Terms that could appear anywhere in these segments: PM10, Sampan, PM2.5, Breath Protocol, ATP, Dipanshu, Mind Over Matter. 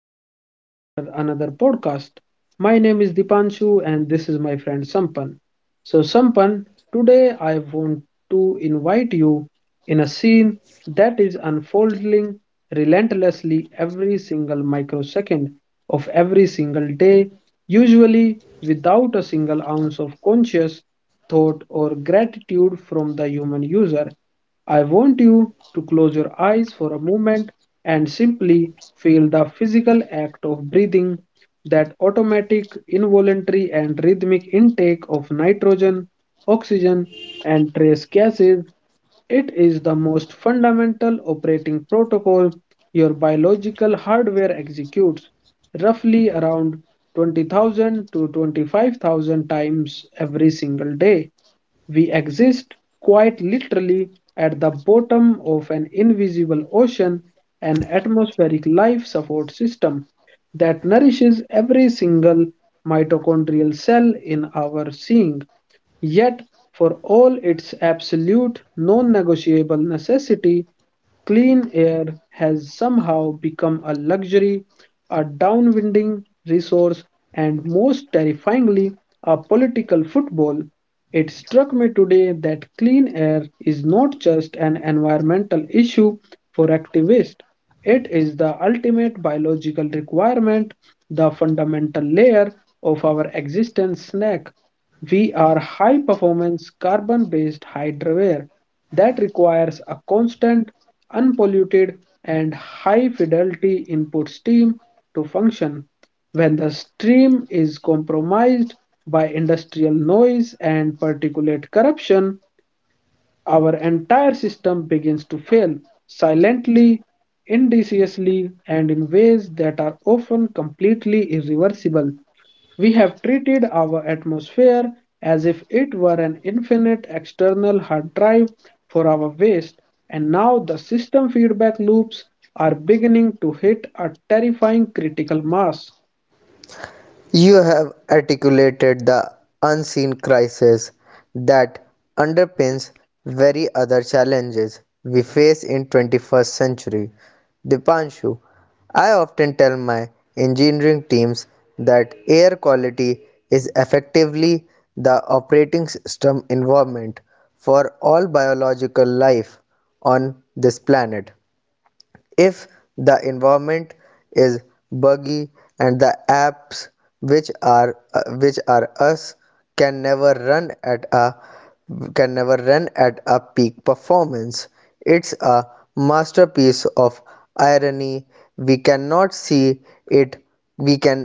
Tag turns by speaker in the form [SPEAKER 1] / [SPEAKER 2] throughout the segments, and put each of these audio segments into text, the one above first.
[SPEAKER 1] welcome to our another podcast. My name is Dipanshu, and this is my friend Sampan. So, Sampan, today I want to invite you in a scene that is unfolding relentlessly every single microsecond of every single day, usually without a single ounce of conscious thought or gratitude from the human user. I want you to close your eyes for a moment and simply feel the physical act of breathing, that automatic, involuntary, and rhythmic intake of nitrogen, oxygen, and trace gases. It is the most fundamental operating protocol your biological hardware executes roughly around 20,000 to 25,000 times every single day. We exist, quite literally, at the bottom of an invisible ocean, an atmospheric life support system that nourishes every single mitochondrial cell in our seeing. Yet, for all its absolute non negotiable necessity, clean air has somehow become a luxury, a downwinding resource, and most terrifyingly, a political football. It struck me today that clean air is not just an environmental issue for activists, it is the ultimate biological requirement, the fundamental layer of our existence snack. We are high performance carbon based hydroware that requires a constant, unpolluted, and high fidelity input stream to function. When the stream is compromised by industrial noise and particulate corruption, our entire system begins to fail silently, insidiously, and in ways that are often completely irreversible. We have treated our atmosphere as if it were an infinite external hard drive for our waste, and now the system feedback loops are beginning to hit a terrifying critical mass.
[SPEAKER 2] You have articulated the unseen crisis that underpins very other challenges we face in 21st century. Dipanshu, I often tell my engineering teams that air quality is effectively the operating system environment for all biological life on this planet. If the environment is buggy and the apps which are us can never run at a peak performance. It's a masterpiece of irony. We cannot see it, we can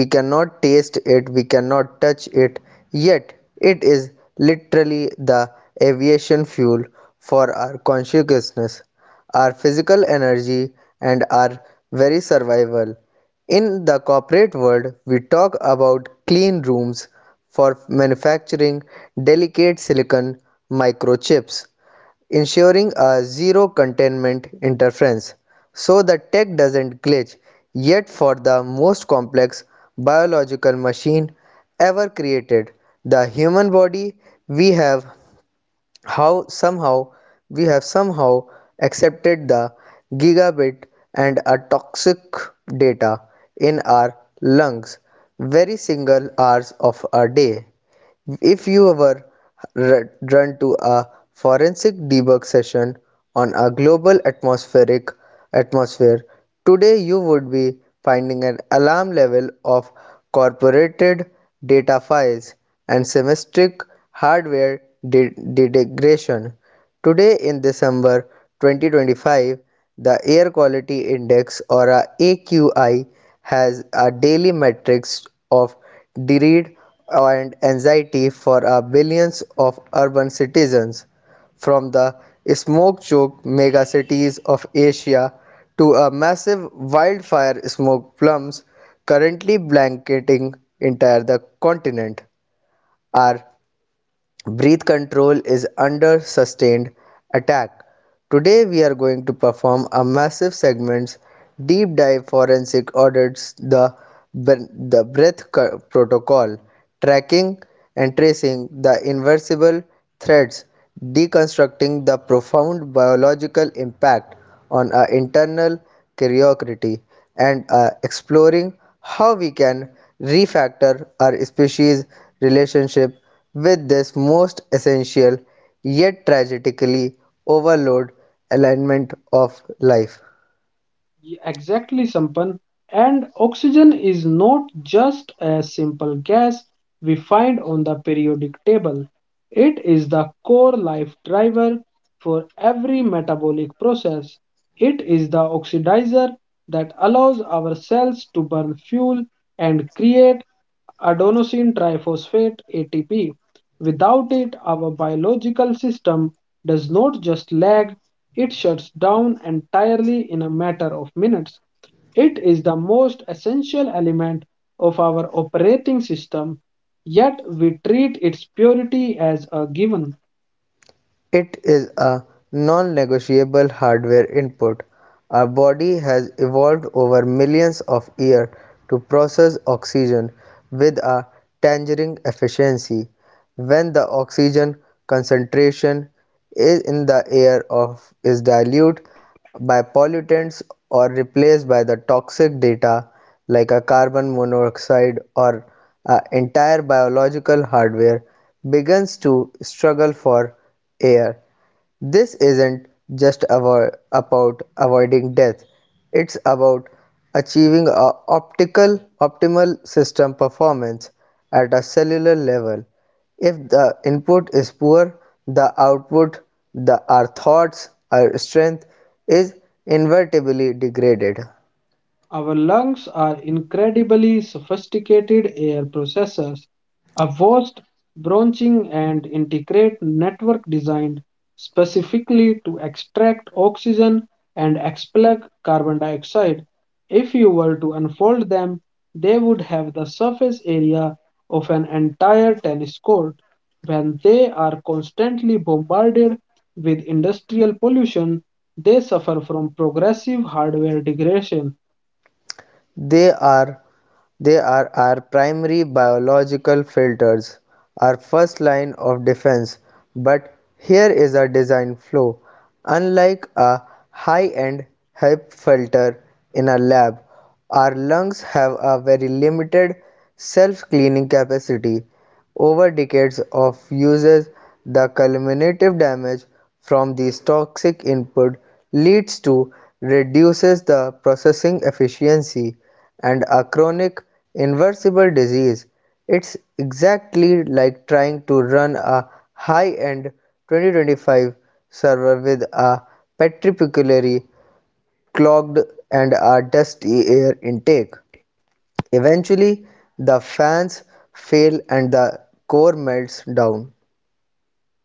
[SPEAKER 2] we cannot taste it, we cannot touch it, yet it is literally the aviation fuel for our consciousness, our physical energy, and our very survival. In the corporate world, we talk about clean rooms for manufacturing delicate silicon microchips, ensuring a zero containment interference so the tech doesn't glitch. Yet, for the most complex biological machine ever created, the human body, we have how somehow somehow accepted the gigabit and a toxic data in our lungs very single hours of a day. If you ever run to a forensic debug session on a global atmospheric atmosphere, today you would be finding an alarm level of corporated data files and semistic hardware degradation. Today in December 2025, the Air Quality Index or a AQI has a daily matrix of dread and anxiety for billions of urban citizens, from the smoke-choked megacities of Asia to a massive wildfire smoke plumes currently blanketing entire the continent are. Breath control is under sustained attack. Today we are going to perform a massive segments deep dive forensic audits the breath protocol, tracking and tracing the irreversible threads, deconstructing the profound biological impact on our internal curiosity, and are exploring how we can refactor our species relationship with this most essential yet tragically overloaded element of life.
[SPEAKER 1] Exactly, Sampan. And oxygen is not just a simple gas we find on the periodic table. It is the core life driver for every metabolic process. It is the oxidizer that allows our cells to burn fuel and create adenosine triphosphate ATP. Without it, our biological system does not just lag, it shuts down entirely in a matter of minutes. It is the most essential element of our operating system, yet we treat its purity as a given.
[SPEAKER 2] It is a non-negotiable hardware input. Our body has evolved over millions of years to process oxygen with a tangerine efficiency. When the oxygen concentration is in the air of is diluted by pollutants or replaced by the toxic data like a carbon monoxide or an entire biological hardware begins to struggle for air. This isn't just avo- about avoiding death, it's about achieving a optical optimal system performance at a cellular level. If the input is poor, the output, the our thoughts, our strength is inevitably degraded.
[SPEAKER 1] Our lungs are incredibly sophisticated air processors, a vast branching and integrate network designed specifically to extract oxygen and expel carbon dioxide. If you were to unfold them, they would have the surface area of an entire tennis court. When they are constantly bombarded with industrial pollution, they suffer from progressive hardware degradation.
[SPEAKER 2] They are they are our primary biological filters, our first line of defense. But here is a design flaw. Unlike a high-end HEP filter in a lab, our lungs have a very limited self-cleaning capacity. Over decades of uses, the cumulative damage from these toxic inputs leads to reduces the processing efficiency and a chronic irreversible disease. It's exactly like trying to run a high-end 2025 server with a particularly clogged and a dusty air intake. Eventually the fans fail and the core melts down.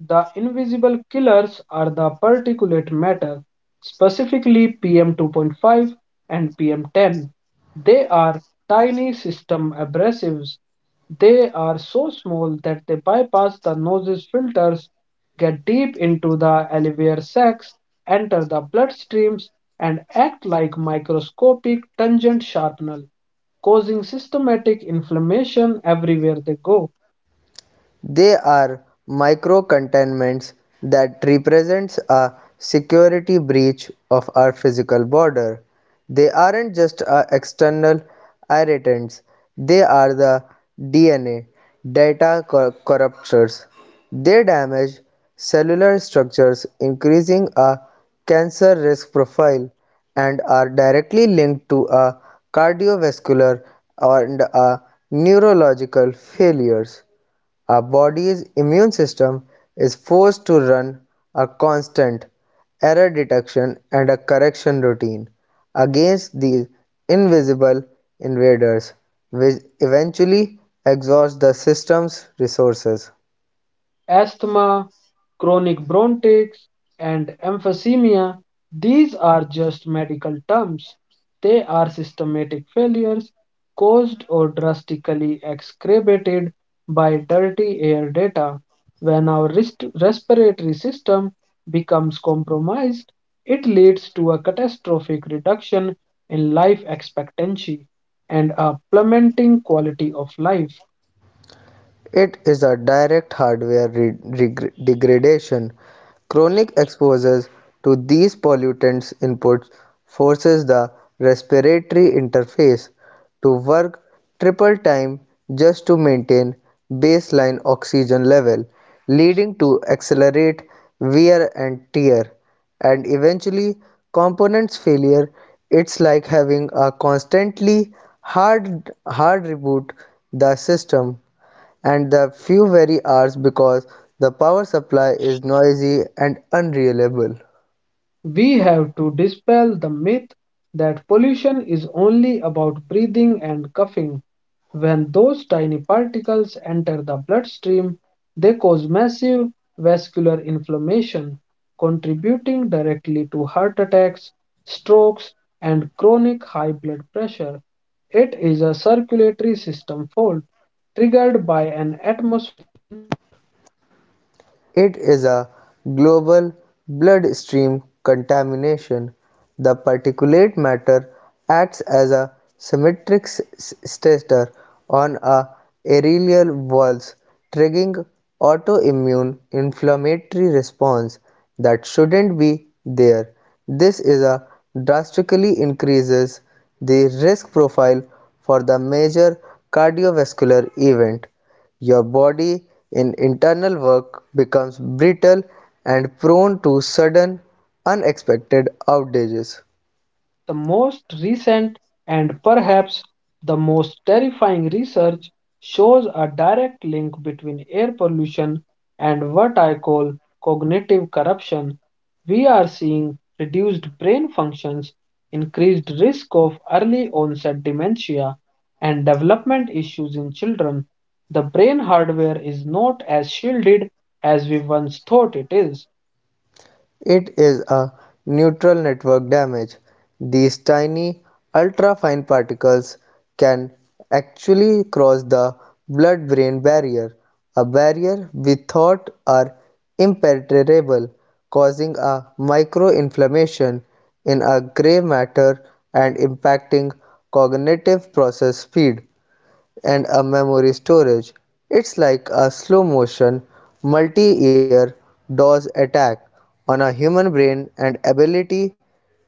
[SPEAKER 1] The invisible killers are the particulate matter, specifically PM2.5 and PM10. They are tiny system abrasives. They are so small that they bypass the nose's filters, get deep into the alveolar sacs, enter the bloodstreams, and act like microscopic tangent sharpener, causing systematic inflammation everywhere they go.
[SPEAKER 2] They are microcontainments that represents a security breach of our physical border. They aren't just external irritants. They are the DNA, data corruptors. They damage cellular structures, increasing a cancer risk profile, and are directly linked to a cardiovascular and a neurological failures. Our body's immune system is forced to run a constant error detection and a correction routine against these invisible invaders, which eventually exhausts the system's resources.
[SPEAKER 1] Asthma, chronic bronchitis, and emphysema. These are just medical terms. They are systematic failures caused or drastically exacerbated by dirty air data. When our respiratory system becomes compromised, it leads to a catastrophic reduction in life expectancy and a plummeting quality of life.
[SPEAKER 2] It is a direct hardware degradation. Chronic exposure to these pollutants inputs forces the respiratory interface to work triple time just to maintain baseline oxygen level, leading to accelerate wear and tear and eventually components failure. It's like having a constantly hard reboot the system and the few very hours because the power supply is noisy and unreliable.
[SPEAKER 1] We have to dispel the myth that pollution is only about breathing and coughing. When those tiny particles enter the bloodstream, they cause massive vascular inflammation, contributing directly to heart attacks, strokes, and chronic high blood pressure. It is a circulatory system fault triggered by an atmosphere.
[SPEAKER 2] It is a global bloodstream contamination. The particulate matter acts as a symmetric stressor on a aerial walls, triggering autoimmune inflammatory response that shouldn't be there. This is a drastically increases the risk profile for the major cardiovascular event. Your body in internal work becomes brittle and prone to sudden unexpected outages.
[SPEAKER 1] The most recent and perhaps the most terrifying research shows a direct link between air pollution and what I call cognitive corruption. We are seeing reduced brain functions, increased risk of early onset dementia, and development issues in children. The brain hardware is not as shielded as we once thought it is.
[SPEAKER 2] It is a neutral network damage. These tiny ultrafine particles can actually cross the blood-brain barrier, a barrier we thought are impenetrable, causing a microinflammation in our gray matter and impacting cognitive process speed and a memory storage. It's like a slow motion, multi year DOS attack on a human brain and ability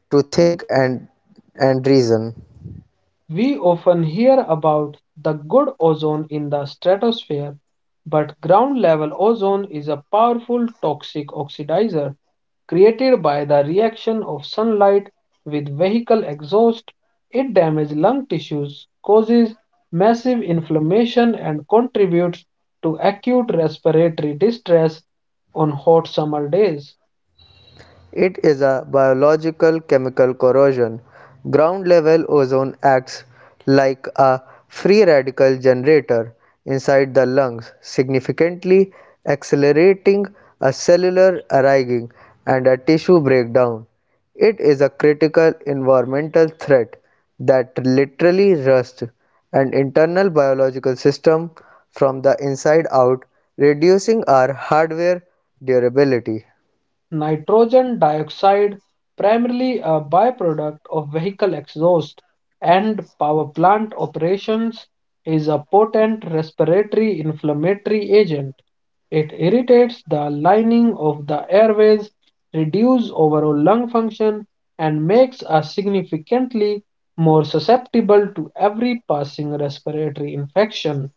[SPEAKER 2] to think and reason.
[SPEAKER 1] We often hear about the good ozone in the stratosphere, but ground level ozone is a powerful toxic oxidizer created by the reaction of sunlight with vehicle exhaust. It damages lung tissues, causes massive inflammation, and contributes to acute respiratory distress on hot summer days.
[SPEAKER 2] It is a biological chemical corrosion. Ground level ozone acts like a free radical generator inside the lungs, significantly accelerating a cellular arraying and a tissue breakdown. It is a critical environmental threat that literally rusts an internal biological system from the inside out, reducing our hardware durability.
[SPEAKER 1] Nitrogen dioxide, primarily a byproduct of vehicle exhaust and power plant operations, is a potent respiratory inflammatory agent. It irritates the lining of the airways, reduces overall lung function, and makes us significantly more susceptible to every passing respiratory infection.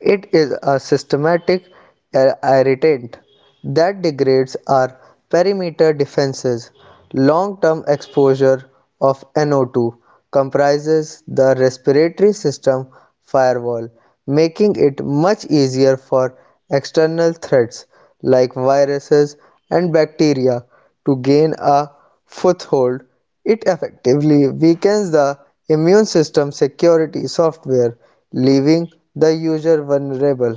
[SPEAKER 2] It is a systematic irritant that degrades our perimeter defenses. Long-term exposure of NO2 comprises the respiratory system firewall, making it much easier for external threats like viruses and bacteria to gain a foothold. It effectively weakens the immune system security software, leaving the user vulnerable.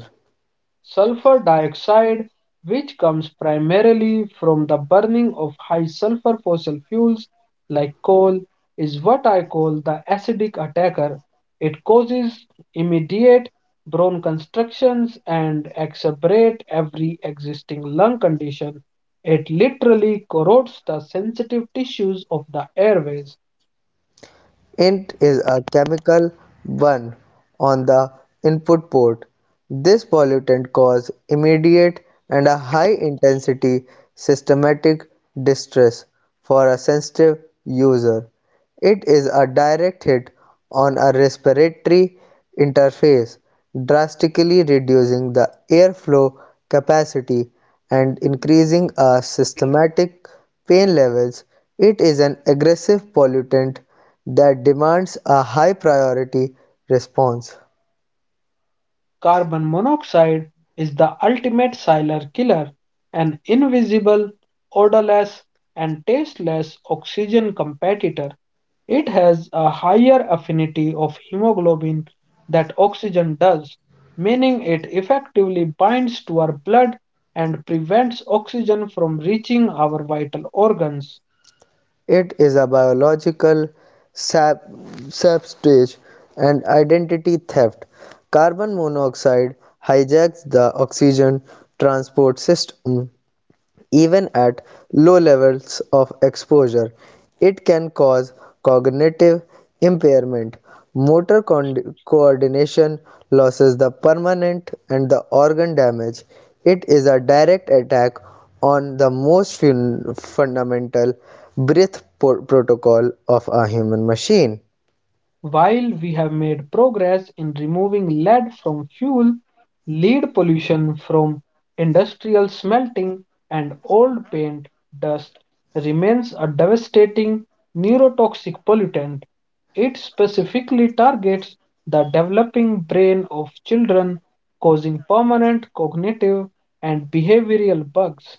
[SPEAKER 1] Sulfur dioxide, which comes primarily from the burning of high sulfur fossil fuels like coal, is what I call the acidic attacker. It causes immediate bone constrictions and exacerbate every existing lung condition. It literally corrodes the sensitive tissues of the airways.
[SPEAKER 2] Int is a chemical one on the input port. This pollutant causes immediate and a high intensity systematic distress for a sensitive user. It is a direct hit on a respiratory interface, drastically reducing the airflow capacity and increasing our systematic pain levels. It is an aggressive pollutant that demands a high priority response.
[SPEAKER 1] Carbon monoxide is the ultimate silent killer, an invisible, odorless, and tasteless oxygen competitor. It has a higher affinity of hemoglobin that oxygen does, meaning it effectively binds to our blood and prevents oxygen from reaching our vital organs.
[SPEAKER 2] It is a biological sap- sabotage and identity theft. Carbon monoxide hijacks the oxygen transport system. Even at low levels of exposure, it can cause cognitive impairment. Motor coordination losses, the permanent and the organ damage. It is a direct attack on the most fundamental breath protocol of a human machine.
[SPEAKER 1] While we have made progress in removing lead from fuel, lead pollution from industrial smelting and old paint dust remains a devastating neurotoxic pollutant. It specifically targets the developing brain of children, causing permanent cognitive and behavioral bugs.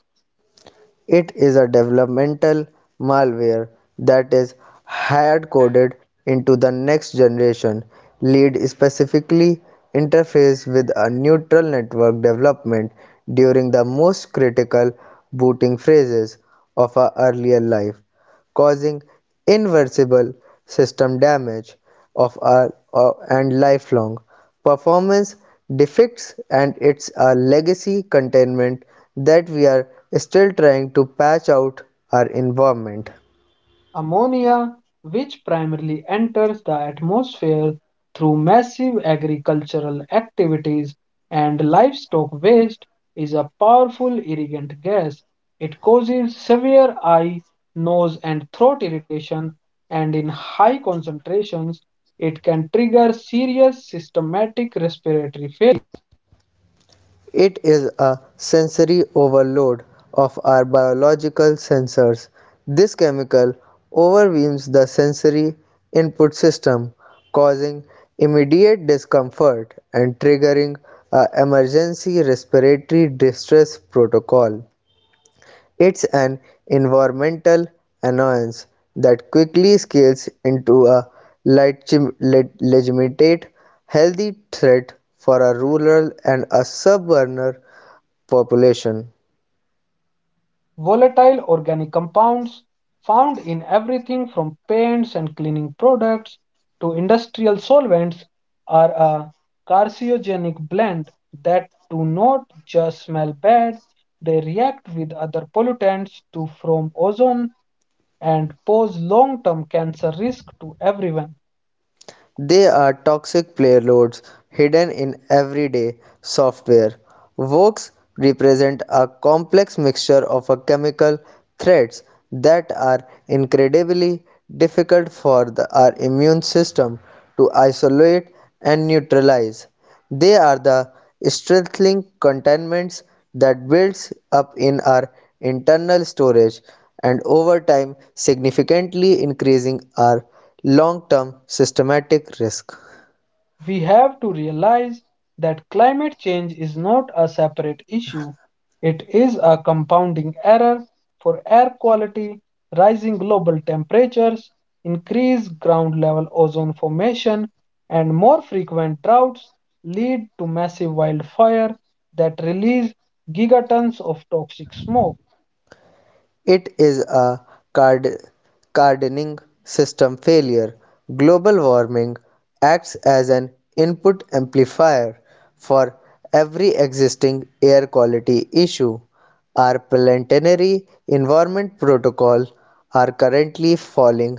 [SPEAKER 2] It is a developmental malware that is hard-coded into the next generation. Lead specifically interface with a neutral network development during the most critical booting phases of our earlier life, causing irreversible system damage of our and lifelong performance defects. And it's a legacy containment that we are still trying to patch out our environment.
[SPEAKER 1] Ammonia, which primarily enters the atmosphere through massive agricultural activities and livestock waste, is a powerful irrigant gas. It causes severe eye, nose, and throat irritation, and in high concentrations, it can trigger serious systematic respiratory.
[SPEAKER 2] It is a sensory overload of our biological sensors. This chemical overwhelms the sensory input system, causing immediate discomfort and triggering an emergency respiratory distress protocol. It's an environmental annoyance that quickly scales into a legitimate healthy threat for a rural and a suburban population.
[SPEAKER 1] Volatile organic compounds found in everything from paints and cleaning products to industrial solvents are a carcinogenic blend that do not just smell bad, they react with other pollutants to form ozone and pose long-term cancer risk to everyone.
[SPEAKER 2] They are toxic payloads hidden in everyday software. Vox represent a complex mixture of a chemical threats that are incredibly difficult for our immune system to isolate and neutralize. They are the strengthening contaminants that builds up in our internal storage and over time significantly increasing our long-term systematic risk.
[SPEAKER 1] We have to realize that climate change is not a separate issue, it is a compounding error for air quality. Rising global temperatures, increased ground level ozone formation, and more frequent droughts lead to massive wildfire that release gigatons of toxic smoke.
[SPEAKER 2] It is a card- gardening system failure. Global warming acts as an input amplifier for every existing air quality issue. Our planetary environment protocol are currently falling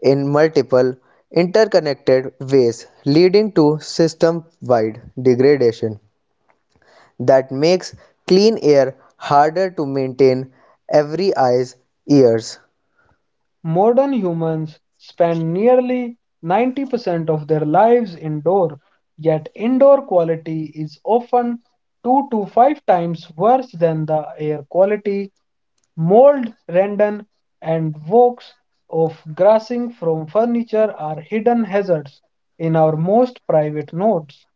[SPEAKER 2] in multiple interconnected ways, leading to system wide degradation that makes clean air harder to maintain every eye's ears.
[SPEAKER 1] Modern humans spend nearly 90% of their lives indoor, yet indoor quality is often 2 to 5 times worse than the air quality. Mold, rendon, and walks of grassing from furniture are hidden hazards in our most private nodes.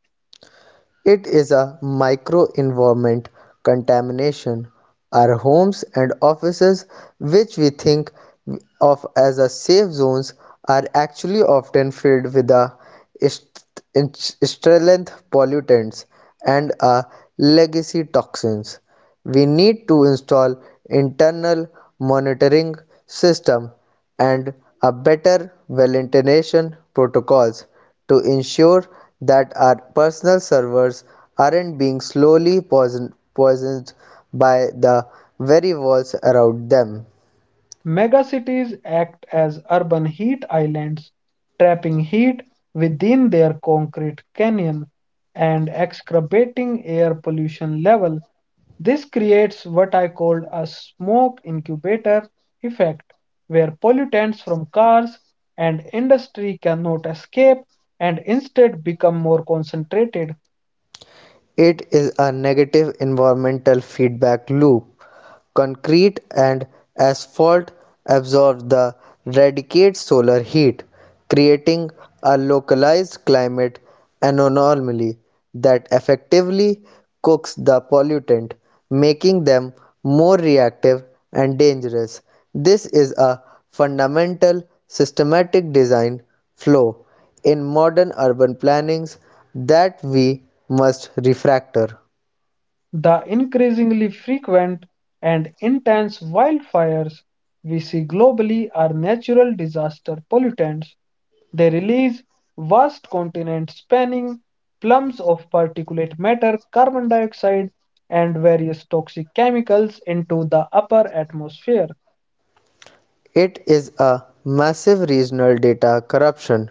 [SPEAKER 2] It is a microenvironment contamination. Our homes and offices, which we think of as a safe zones, are actually often filled with a est- Sterleth pollutants and legacy toxins. We need to install internal monitoring system and a better validation protocols to ensure that our personal servers aren't being slowly poisoned by the very walls around them.
[SPEAKER 1] Megacities act as urban heat islands, trapping heat within their concrete canyon and exacerbating air pollution level. This creates what I call a smoke incubator effect, where pollutants from cars and industry cannot escape and instead become more concentrated.
[SPEAKER 2] It is a negative environmental feedback loop. Concrete and asphalt absorb the radiate solar heat, creating a localized climate anomaly that effectively cooks the pollutant, making them more reactive and dangerous. This is a fundamental systematic design flaw in modern urban plannings that we must refractor.
[SPEAKER 1] The increasingly frequent and intense wildfires we see globally are natural disaster pollutants. They release vast continent spanning plumes of particulate matter, carbon dioxide, and various toxic chemicals into the upper atmosphere.
[SPEAKER 2] It is a massive regional data corruption.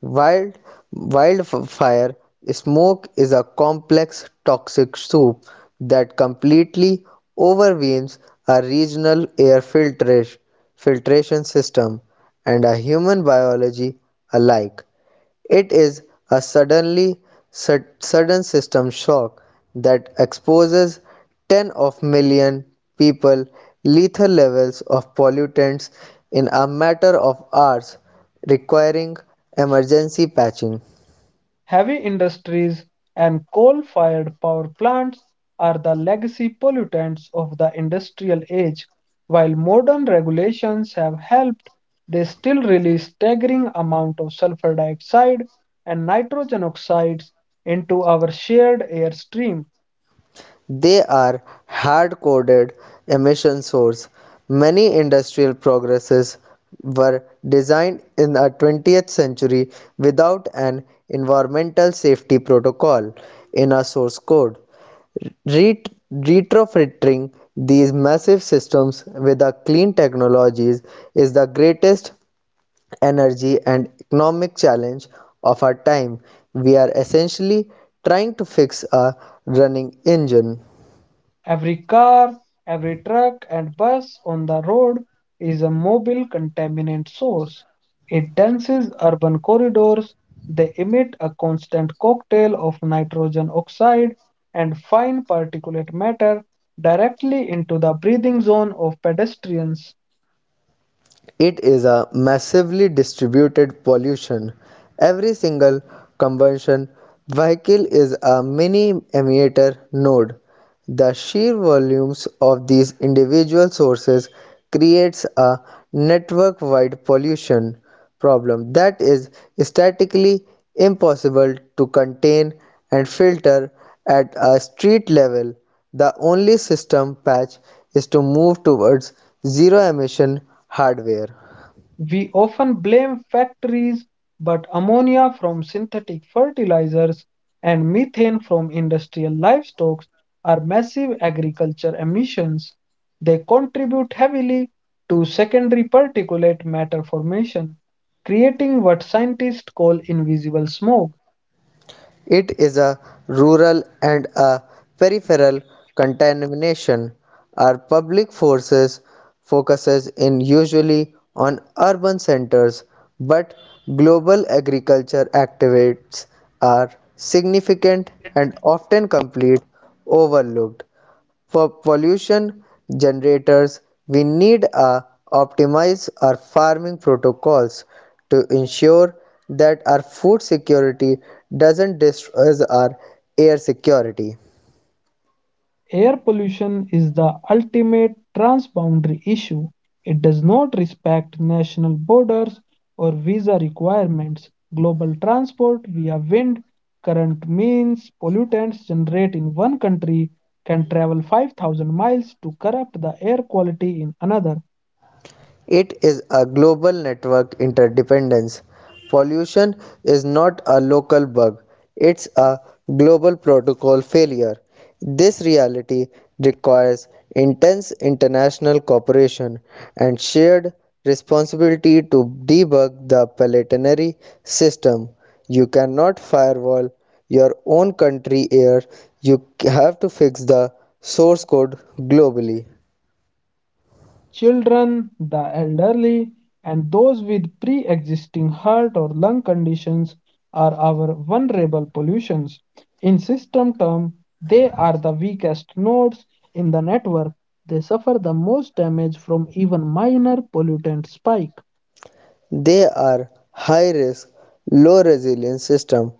[SPEAKER 2] Wild Wildfire smoke is a complex toxic soup that completely overwhelms a regional air filtration system and a human biology alike. It is a sudden system shock that exposes ten of million people lethal levels of pollutants in a matter of hours, requiring emergency patching.
[SPEAKER 1] Heavy industries and coal-fired power plants are the legacy pollutants of the industrial age. While modern regulations have helped, they still release staggering amount of sulfur dioxide and nitrogen oxides into our shared air stream.
[SPEAKER 2] They are hard-coded emission source. Many industrial progresses were designed in the 20th century without an environmental safety protocol in a source code. Retrofitting these massive systems with a clean technologies is the greatest energy and economic challenge of our time. We are essentially trying to fix a running engine.
[SPEAKER 1] Every car, every truck and bus on the road is a mobile contaminant source. It denses urban corridors. They emit a constant cocktail of nitrogen oxide and fine particulate matter directly into the breathing zone of pedestrians.
[SPEAKER 2] It is a massively distributed pollution. Every single combustion vehicle is a mini emitter node. The sheer volumes of these individual sources creates a network-wide pollution problem that is statically impossible to contain and filter at a street level. The only system patch is to move towards zero-emission hardware.
[SPEAKER 1] We often blame factories, but ammonia from synthetic fertilizers and methane from industrial livestock are massive agriculture emissions. They contribute heavily to secondary particulate matter formation, creating what scientists call invisible smoke.
[SPEAKER 2] It is a rural and a peripheral contamination. Our public forces focuses in usually on urban centers, but global agriculture activities are significant and often complete overlooked. For pollution generators, we need a optimize our farming protocols to ensure that our food security doesn't destroy our air security.
[SPEAKER 1] Air pollution is the ultimate transboundary issue. It does not respect national borders or visa requirements. Global transport via wind current means pollutants generated in one country can travel 5,000 miles to corrupt the air quality in another.
[SPEAKER 2] It is a global network interdependence. Pollution is not a local bug, it's a global protocol failure. This reality requires intense international cooperation and shared responsibility to debug the planetary system. You cannot firewall your own country air, you have to fix the source code globally.
[SPEAKER 1] Children, the elderly, and those with pre existing heart or lung conditions are our vulnerable pollutions. In system terms, they are the weakest nodes in the network. They suffer the most damage from even minor pollutant spike.
[SPEAKER 2] They are high risk, low resilience systems.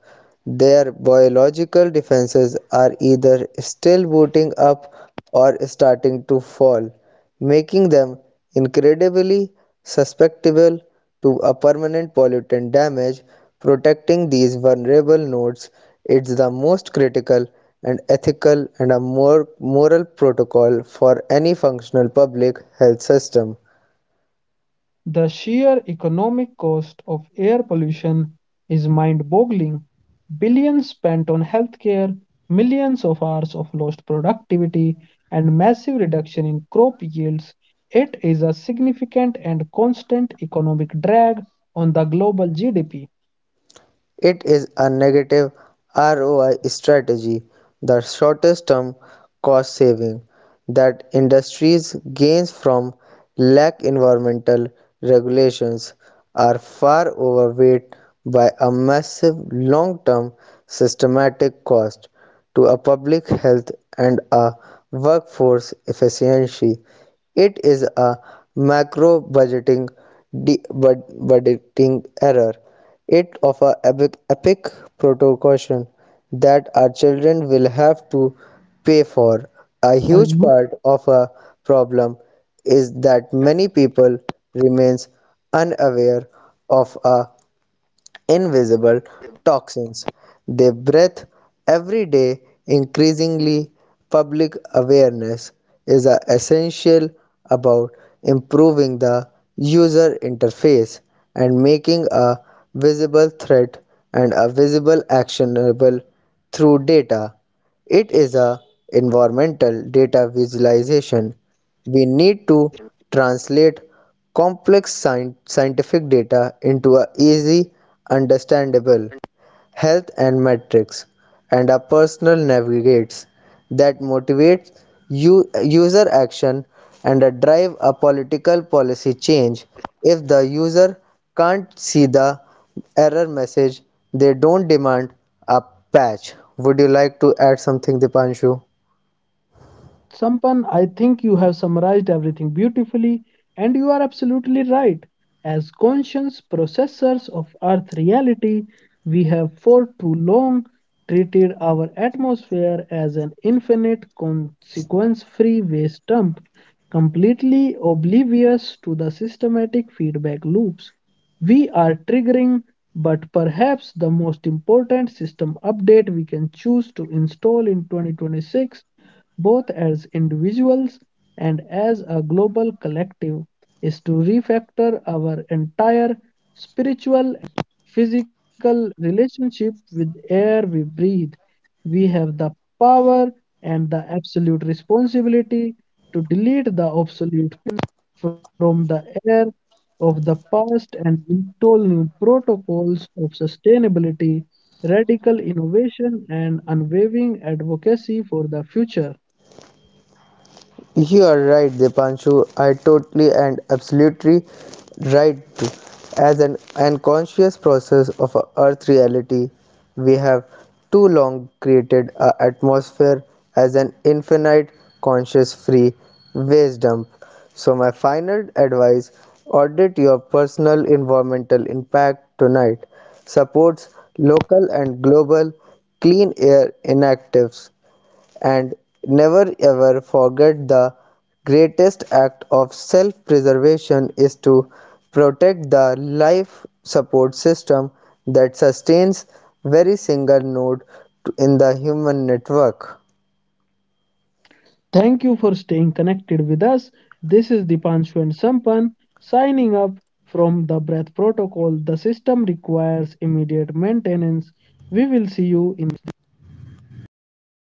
[SPEAKER 2] Their biological defenses are either still booting up or starting to fall, making them incredibly susceptible to a permanent pollutant damage. Protecting these vulnerable nodes is the most critical and ethical and a more moral protocol for any functional public health system.
[SPEAKER 1] The sheer economic cost of air pollution is mind boggling. Billions spent on healthcare, millions of hours of lost productivity, and massive reduction in crop yields. It is a significant and constant economic drag on the global GDP.
[SPEAKER 2] It is a negative ROI strategy. The shortest term cost saving that industries gain from lack environmental regulations are far overweight by a massive long-term systematic cost to a public health and a workforce efficiency. It is a macro budgeting error it of a epic proportion that our children will have to pay for. A huge part
[SPEAKER 1] Uh,
[SPEAKER 2] of a
[SPEAKER 1] you,
[SPEAKER 2] problem is that many people remains unaware of a invisible toxins they breathe every day. Increasingly, public awareness is essential about improving the user interface and making a visible threat and a visible actionable through data. It is a environmental data visualization. We need to translate complex scientific data into a easy, understandable health and metrics and a personal navigates that motivates user action and a drive a political policy change. If the user can't see the error message, they don't demand a patch. Would you like to add something, Dipanshu?
[SPEAKER 1] Sampan, I think you have summarized everything beautifully, and you are absolutely right. As conscious processors of Earth reality, we have for too long treated our atmosphere as an infinite consequence free waste dump, completely oblivious to the systematic feedback loops we are triggering, but perhaps the most important system update we can choose to install in 2026, both as individuals and as a global collective, is to refactor our entire spiritual physical relationship with air we breathe. We have the power and the absolute responsibility to delete the obsolete from the air of the past and install new protocols of sustainability, radical innovation, and unwavering advocacy for the future.
[SPEAKER 2] You are right, Dipanshu. I totally and absolutely right. As an unconscious process of our Earth reality, we have too long created our atmosphere as an infinite conscious free waste dump. So, my final advice, audit your personal environmental impact tonight. Supports local and global clean air inactives, and never ever forget the greatest act of self preservation is to protect the life support system that sustains very single node in the human network.
[SPEAKER 1] Thank you for staying connected with us. This is Dipanshu and Sampan signing up from the Breath Protocol. The system requires immediate maintenance. We will see you in